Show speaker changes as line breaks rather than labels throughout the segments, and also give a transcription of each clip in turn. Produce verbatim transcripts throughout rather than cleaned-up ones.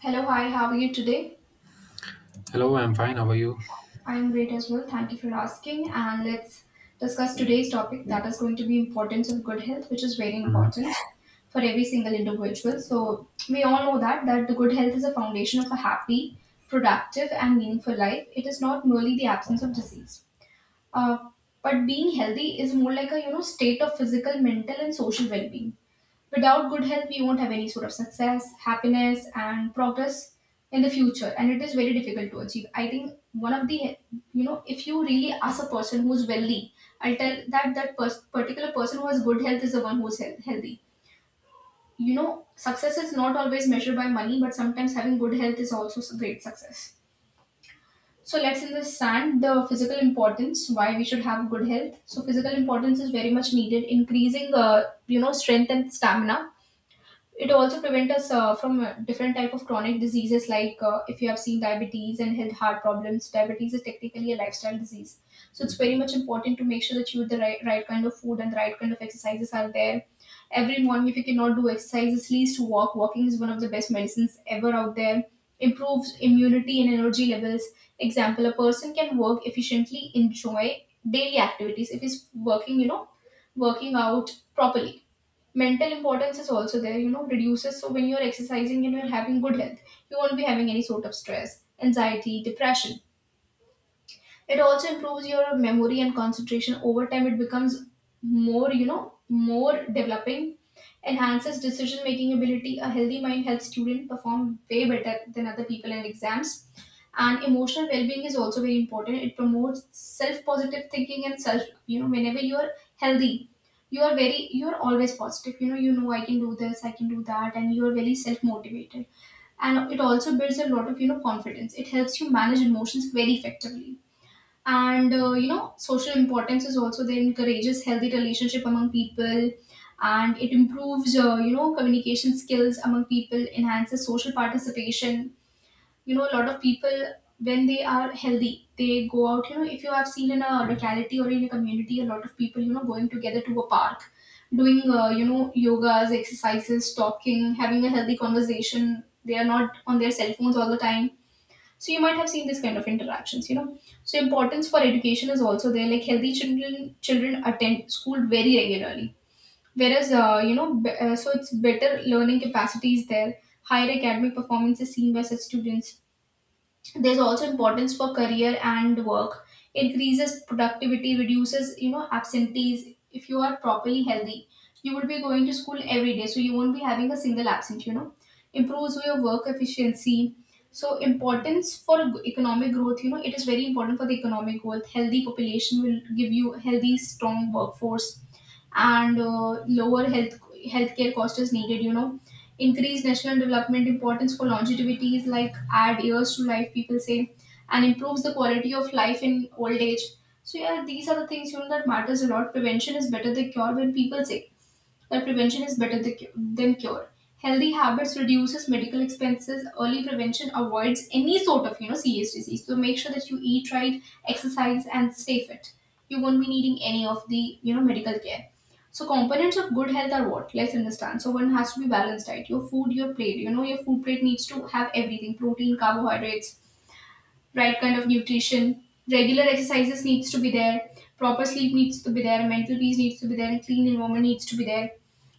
Hello, hi, how are you today?
Hello, I'm fine. How are you?
I'm great as well. Thank you for asking. And let's discuss today's topic that is going to be importance of good health, which is very important for every single individual. So we all know that that the good health is a foundation of a happy, productive, and meaningful life. It is not merely the absence of disease. Uh, but being healthy is more like a you know state of physical, mental, and social well-being. Without good health we won't have any sort of success, happiness and progress in the future, and it is very difficult to achieve. I think one of the, you know if you really ask a person who's wealthy, I'll tell that that pers- particular person who has good health is the one who's health- healthy. You know, success is not always measured by money, but sometimes having good health is also s- great success. So let's understand the physical importance, why we should have good health. So physical importance is very much needed, increasing, uh, you know, strength and stamina. It also prevents us uh, from uh, different type of chronic diseases, like, uh, if you have seen, diabetes and health heart problems. Diabetes is technically a lifestyle disease, so it's very much important to make sure that you eat the right, right kind of food and the right kind of exercises are there. Every morning, if you cannot do exercises, at least walk. Walking is one of the best medicines ever out there. Improves immunity and energy levels. Example: a person can work efficiently, enjoy daily activities if he's working, you know, working out properly. Mental importance is also there, you know. Reduces, so when you're exercising and you're having good health, you won't be having any sort of stress, anxiety, depression. It also improves your memory and concentration. Over time, it becomes more, you know, more developing, enhances decision making ability. A healthy mind helps students perform way better than other people in exams. And emotional well being is also very important. It promotes self positive thinking and self, you know, whenever you are healthy, you are very, you are always positive. You know, you know, I can do this, I can do that, and you are very self motivated. And it also builds a lot of, you know, confidence. It helps you manage emotions very effectively. And uh, you know, social importance is also there, encourages healthy relationship among people, and it improves, uh, you know, communication skills among people, enhances social participation. You know, a lot of people, when they are healthy, they go out. You know, if you have seen in a locality or in a community, a lot of people, you know, going together to a park, doing, uh, you know, yogas, exercises, talking, having a healthy conversation, they are not on their cell phones all the time. So you might have seen this kind of interactions, you know. So importance for education is also there. Like healthy children, children attend school very regularly. Whereas, uh, you know, be- uh, so it's better learning capacity is there. Higher academic performance is seen by such students. There's also importance for career and work. It increases productivity, reduces, you know, absentees. If you are properly healthy, you would be going to school every day, so you won't be having a single absent, you know, improves your work efficiency. So importance for economic growth, you know, it is very important for the economic growth. Healthy population will give you a healthy strong workforce, and uh, lower health healthcare cost is needed, you know. Increase national development. Importance for longevity is like add years to life, people say, and improves the quality of life in old age. So yeah, these are the things, you know, that matters a lot. Prevention is better than cure, when people say that prevention is better th- than cure. Healthy habits reduces medical expenses. Early prevention avoids any sort of, you know, serious disease. So make sure that you eat right, exercise, and stay fit. You won't be needing any of the, you know medical care. So components of good health are what? Let's understand. So one has to be balanced diet. Your food, your plate. You know, your food plate needs to have everything: protein, carbohydrates, right kind of nutrition. Regular exercises needs to be there. Proper sleep needs to be there. Mental peace needs to be there. And clean environment needs to be there.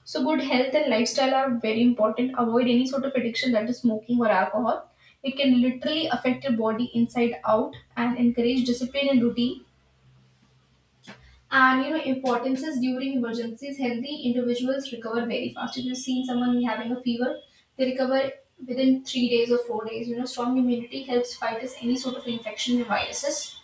So, good health and lifestyle are very important. Avoid any sort of addiction, that is smoking or alcohol. It can literally affect your body inside out and encourage discipline and routine. And you know, importances during emergencies, healthy individuals recover very fast. If you've seen someone having a fever, they recover within three days or four days. You know, strong immunity helps fight us any sort of infection and viruses.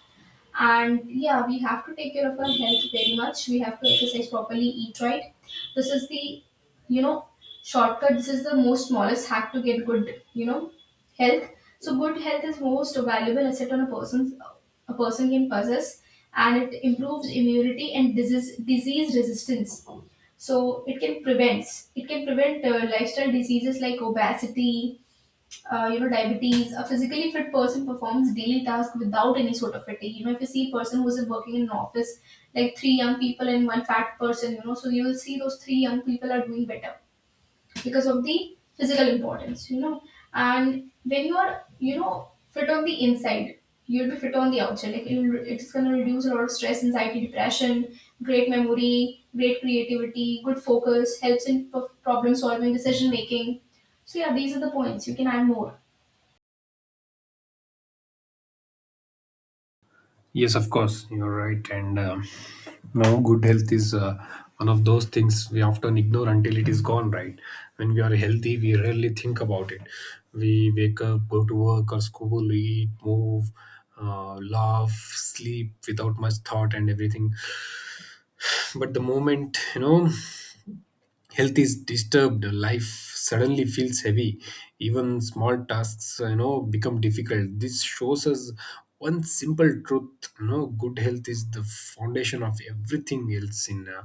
And yeah, we have to take care of our health very much. We have to exercise properly, eat right. This is the, you know, shortcut. This is the most smallest hack to get good, you know, health. So good health is most valuable asset on a person's, a person can possess, and it improves immunity and disease disease resistance. So it can prevent, it can prevent, uh, lifestyle diseases like obesity, uh, you know, diabetes. A physically fit person performs daily task without any sort of fatigue. You know, if you see a person who's working in an office, like three young people and one fat person, you know, so you will see those three young people are doing better because of the physical importance, you know. And when you are, you know, fit on the inside, you'll be fit on the outside. Like it'll, it's going to reduce a lot of stress, anxiety, depression. Great memory, great creativity, good focus, helps in p- problem solving, decision making. So yeah, these are the points, you can add more.
Yes, of course, you're right. And um, No, good health is uh, one of those things we often ignore until it is gone, right? When we are healthy, we rarely think about it. We wake up, go to work or school, eat, move, uh, laugh, sleep without much thought and everything. But the moment, you know, health is disturbed, life suddenly feels heavy, even small tasks, you know, become difficult. This shows us one simple truth, you know, good health is the foundation of everything else in uh,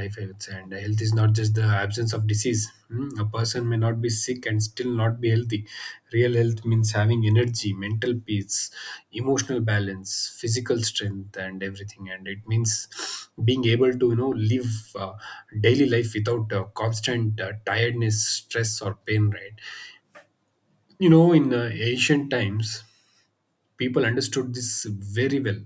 life, I would say. And health is not just the absence of disease. Hmm, a person may not be sick and still not be healthy. Real health means having energy, mental peace, emotional balance, physical strength, and everything. And it means being able to, you know, live uh, daily life without uh, constant uh, tiredness, stress, or pain. Right? You know, in uh, ancient times, people understood this very well.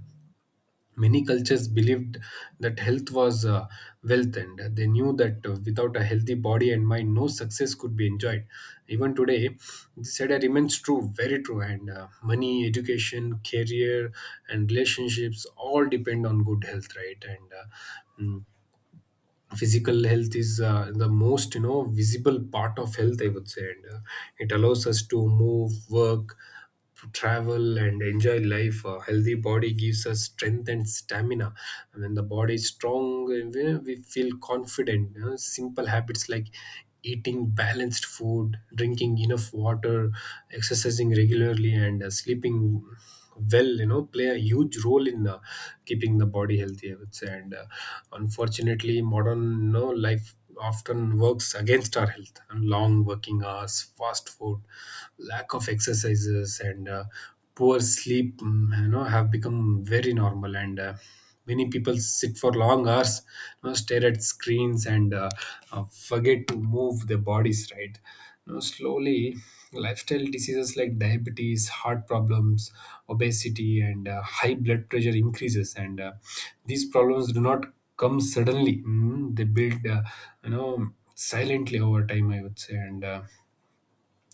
Many cultures believed that health was uh, wealth, and they knew that uh, without a healthy body and mind, no success could be enjoyed. Even today, this idea remains true, very true. And uh, money, education, career, and relationships all depend on good health, right? And uh, mm, Physical health is uh, the most, you know, visible part of health, I would say. And uh, it allows us to move, work, travel, and enjoy life. A healthy body gives us strength and stamina. When the body is strong, uh, we we feel confident, you know. Simple habits like eating balanced food, drinking enough water, exercising regularly, and uh, sleeping well, you know, play a huge role in uh, keeping the body healthy, I would say. And uh, unfortunately, modern, you know, life often works against our health, and long working hours, fast food, lack of exercises, and uh, poor sleep, mm, you know, have become very normal. And uh, many people sit for long hours, you know, stare at screens and uh, uh, forget to move their bodies, right? You know, slowly lifestyle diseases like diabetes, heart problems, obesity, and uh, high blood pressure increases. And uh, These problems do not come suddenly. Mm, they build, uh, you know, silently over time, I would say. And uh,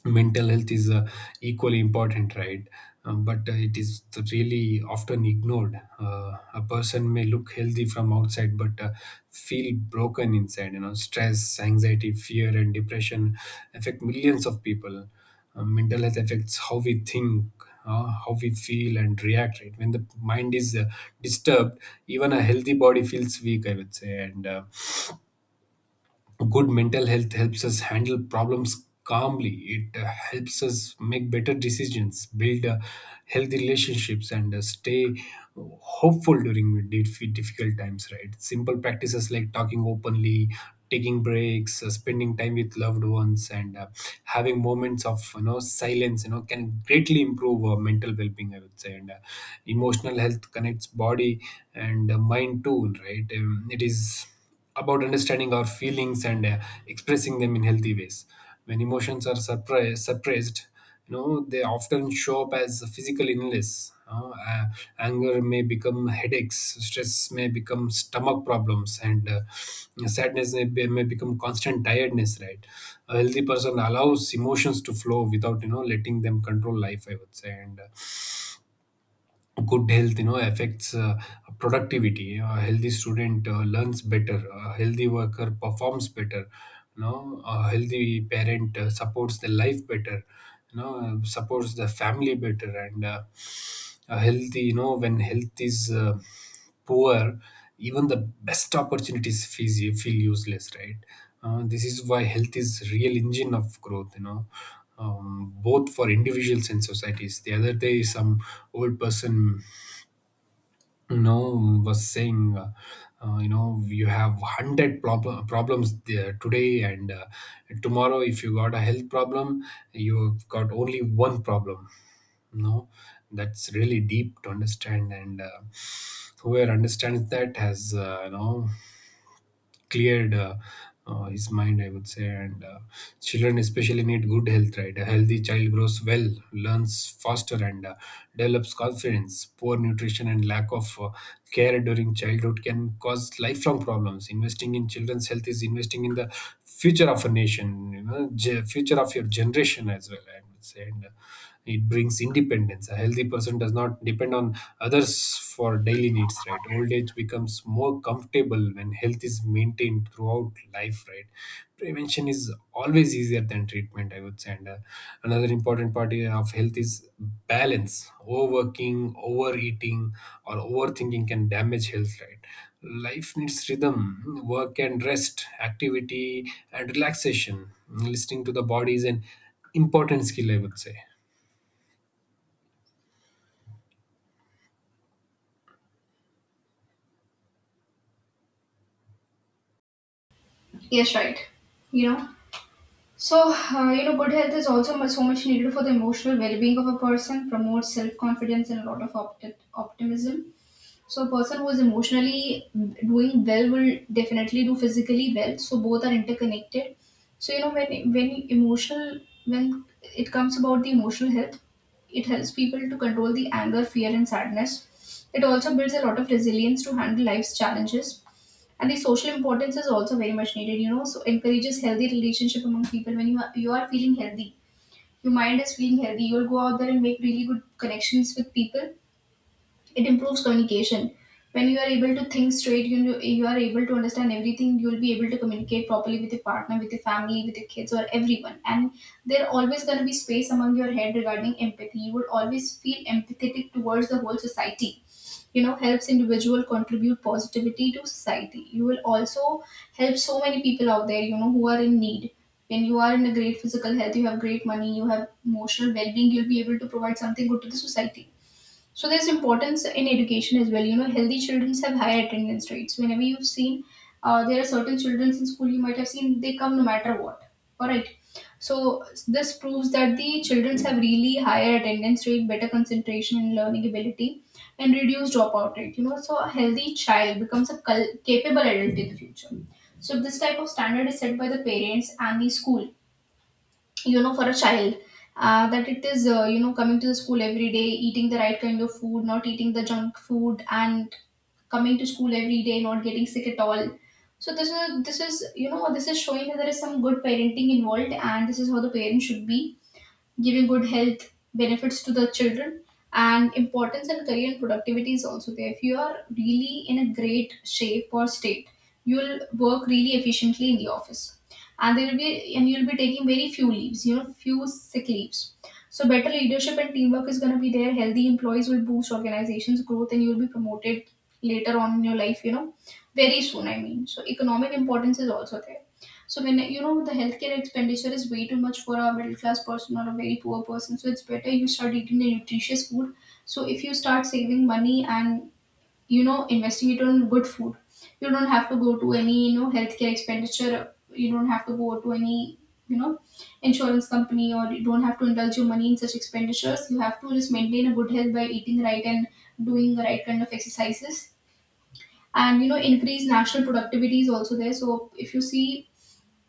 mental health is uh, equally important, right? um, but uh, It is really often ignored. Uh, a person may look healthy from outside but uh, feel broken inside, you know. Stress, anxiety, fear, and depression affect millions of people. Uh, mental health affects how we think, uh, how we feel and react, right? When the mind is uh, disturbed, even a healthy body feels weak, I would say. And uh, good mental health helps us handle problems calmly. It uh, helps us make better decisions, build uh, healthy relationships, and uh, stay hopeful during dif- difficult times, right? Simple practices like talking openly, taking breaks, uh, spending time with loved ones, and uh, having moments of, you know, silence, you know, can greatly improve uh, mental well-being, I would say. And uh, emotional health connects body and uh, mind too, right? Um, it is about understanding our feelings and uh, expressing them in healthy ways. When emotions are suppressed, suppressed, you know, they often show up as a physical illness. Uh, uh, anger may become headaches, stress may become stomach problems, and uh, sadness may, be, may become constant tiredness. Right, a healthy person allows emotions to flow without, you know, letting them control life, I would say. And uh, good health, you know, affects uh, productivity. A healthy student uh, learns better, a healthy worker performs better, you know, a healthy parent uh, supports the life better, you know, supports the family better. And uh, a healthy, you know, when health is uh, poor, even the best opportunities feel, feel useless, right? Uh, this is why health is real engine of growth, you know, um, both for individuals and societies. The other day some old person, no, was saying, uh, uh, you know, you have hundred prob- problems there today and uh, tomorrow. If you got a health problem, you've got only one problem. No, that's really deep to understand, and uh, whoever understands that has, uh, you know, cleared uh, uh, his mind, I would say. And uh, children especially need good health, right? A healthy child grows well, learns faster, and uh, develops confidence. Poor nutrition and lack of uh, care during childhood can cause lifelong problems. Investing in children's health is investing in the future of a nation, you know, ge- future of your generation as well, I would say. And uh, it brings independence. A healthy person does not depend on others for daily needs, right? Old age becomes more comfortable when health is maintained throughout life, right? Prevention is always easier than treatment, I would say. And uh, another important part of health is balance. Overworking, overeating, or overthinking can damage health, right? Life needs rhythm, work and rest, activity and relaxation. Listening to the body is an important skill, I would say.
Yes, right. You know, so uh, you know, good health is also much, so much needed for the emotional well-being of a person. Promotes self-confidence and a lot of opt- optimism. So a person who is emotionally doing well will definitely do physically well. So both are interconnected. So you know when when emotional, when it comes about the emotional health, it helps people to control the anger, fear, and sadness. It also builds a lot of resilience to handle life's challenges. And the social importance is also very much needed, you know. So encourages healthy relationship among people. When you are, you are feeling healthy, your mind is feeling healthy, you'll go out there and make really good connections with people. It improves communication. When you are able to think straight, you know, you are able to understand everything. You'll be able to communicate properly with your partner, with your family, with your kids, or everyone. And there always going to be space among your head regarding empathy. You would always feel empathetic towards the whole society. You know, helps individual contribute positivity to society. You will also help so many people out there. You know, who are in need. When you are in a great physical health, you have great money, you have emotional well being, you'll be able to provide something good to the society. So there's importance in education as well. You know, healthy children have higher attendance rates. Whenever you've seen, uh, there are certain children in school you might have seen they come no matter what. All right. So this proves that the children have really higher attendance rate, better concentration and learning ability, and reduced dropout rate. You know, so a healthy child becomes a cul- capable adult in the future. So this type of standard is set by the parents and the school, you know, for a child, uh, that it is, uh, you know, coming to the school every day, eating the right kind of food, not eating the junk food, and coming to school every day, not getting sick at all. So this is this is you know, this is showing that there is some good parenting involved, and this is how the parent should be giving good health benefits to the children. And importance and career and productivity is also there. If you are really in a great shape or state, you'll work really efficiently in the office. And there will be, and you'll be taking very few leaves, you know, few sick leaves. So better leadership and teamwork is going to be there. Healthy employees will boost organizations growth, and you'll be promoted later on in your life, you know, very soon, I mean. So economic importance is also there. So when, you know, the healthcare expenditure is way too much for a middle class person or a very poor person, so it's better you start eating the nutritious food. So if you start saving money and, you know, investing it on good food, you don't have to go to any, you know, healthcare expenditure. You don't have to go to any, you know, insurance company, or you don't have to indulge your money in such expenditures. You have to just maintain a good health by eating right and doing the right kind of exercises. And you know, increase national productivity is also there. So if you see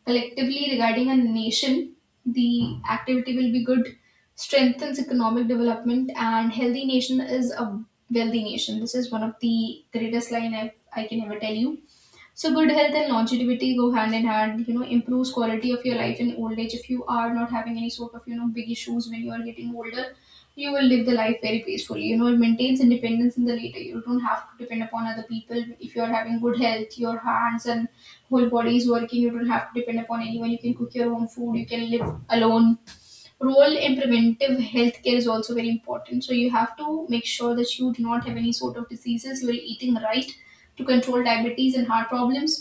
collectively, regarding a nation, the activity will be good, strengthens economic development, and healthy nation is a wealthy nation. This is one of the greatest line I, I can ever tell you. So good health and longevity go hand in hand, you know, improves quality of your life in old age. If you are not having any sort of, you know, big issues when you are getting older, you will live the life very peacefully. You know, it maintains independence in the later. You don't have to depend upon other people. If you are having good health, your hands and whole body is working, you don't have to depend upon anyone. You can cook your own food, you can live alone. Role in preventive health care is also very important. So you have to make sure that you do not have any sort of diseases. You are eating right to control diabetes and heart problems,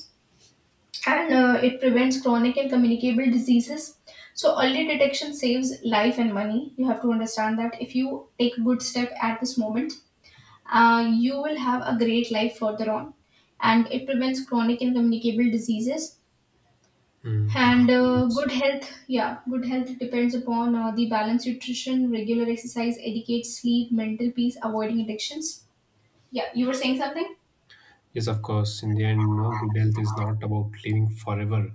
and uh, it prevents chronic and communicable diseases. So early detection saves life and money. You have to understand that if you take a good step at this moment, uh, you will have a great life further on, and it prevents chronic and communicable diseases.
Mm.
And uh,
Yes,
good health, yeah, good health depends upon uh, the balanced nutrition, regular exercise, adequate sleep, mental peace, avoiding addictions. Yeah, you were saying something?
yes, of course. In the end, no, good health is not about living forever.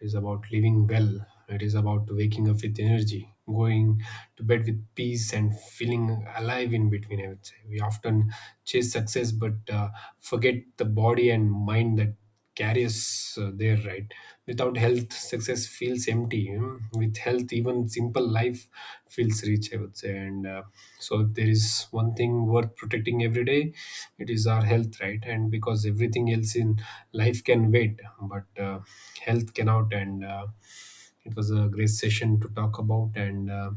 It is about living well. It is about waking up with energy, going to bed with peace, and feeling alive in between. I would say we often chase success but uh, forget the body and mind that carry us uh, there. Right? Without health, success feels empty. Mm. With health, even simple life feels rich, I would say. And uh, So if there is one thing worth protecting every day, it is our health, right? And because everything else in life can wait, but uh, health cannot. And uh, It was a great session to talk about, and uh,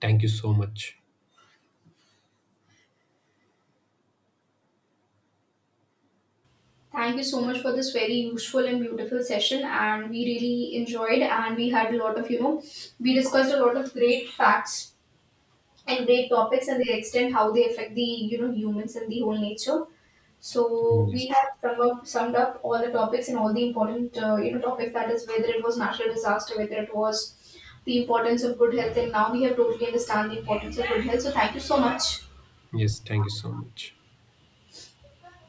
thank you so much.
Thank you so much for this very useful and beautiful session, and we really enjoyed. And we had a lot of, you know, we discussed a lot of great facts and great topics and their extent, how they affect the, you know, humans and the whole nature. So we
Yes,
have sum up, summed up all the topics and all the important, uh, you know, topics, that is whether it was natural disaster, whether it was the importance of good health, and now we have totally understand the importance of good health. So thank you so much.
yes, thank you so much.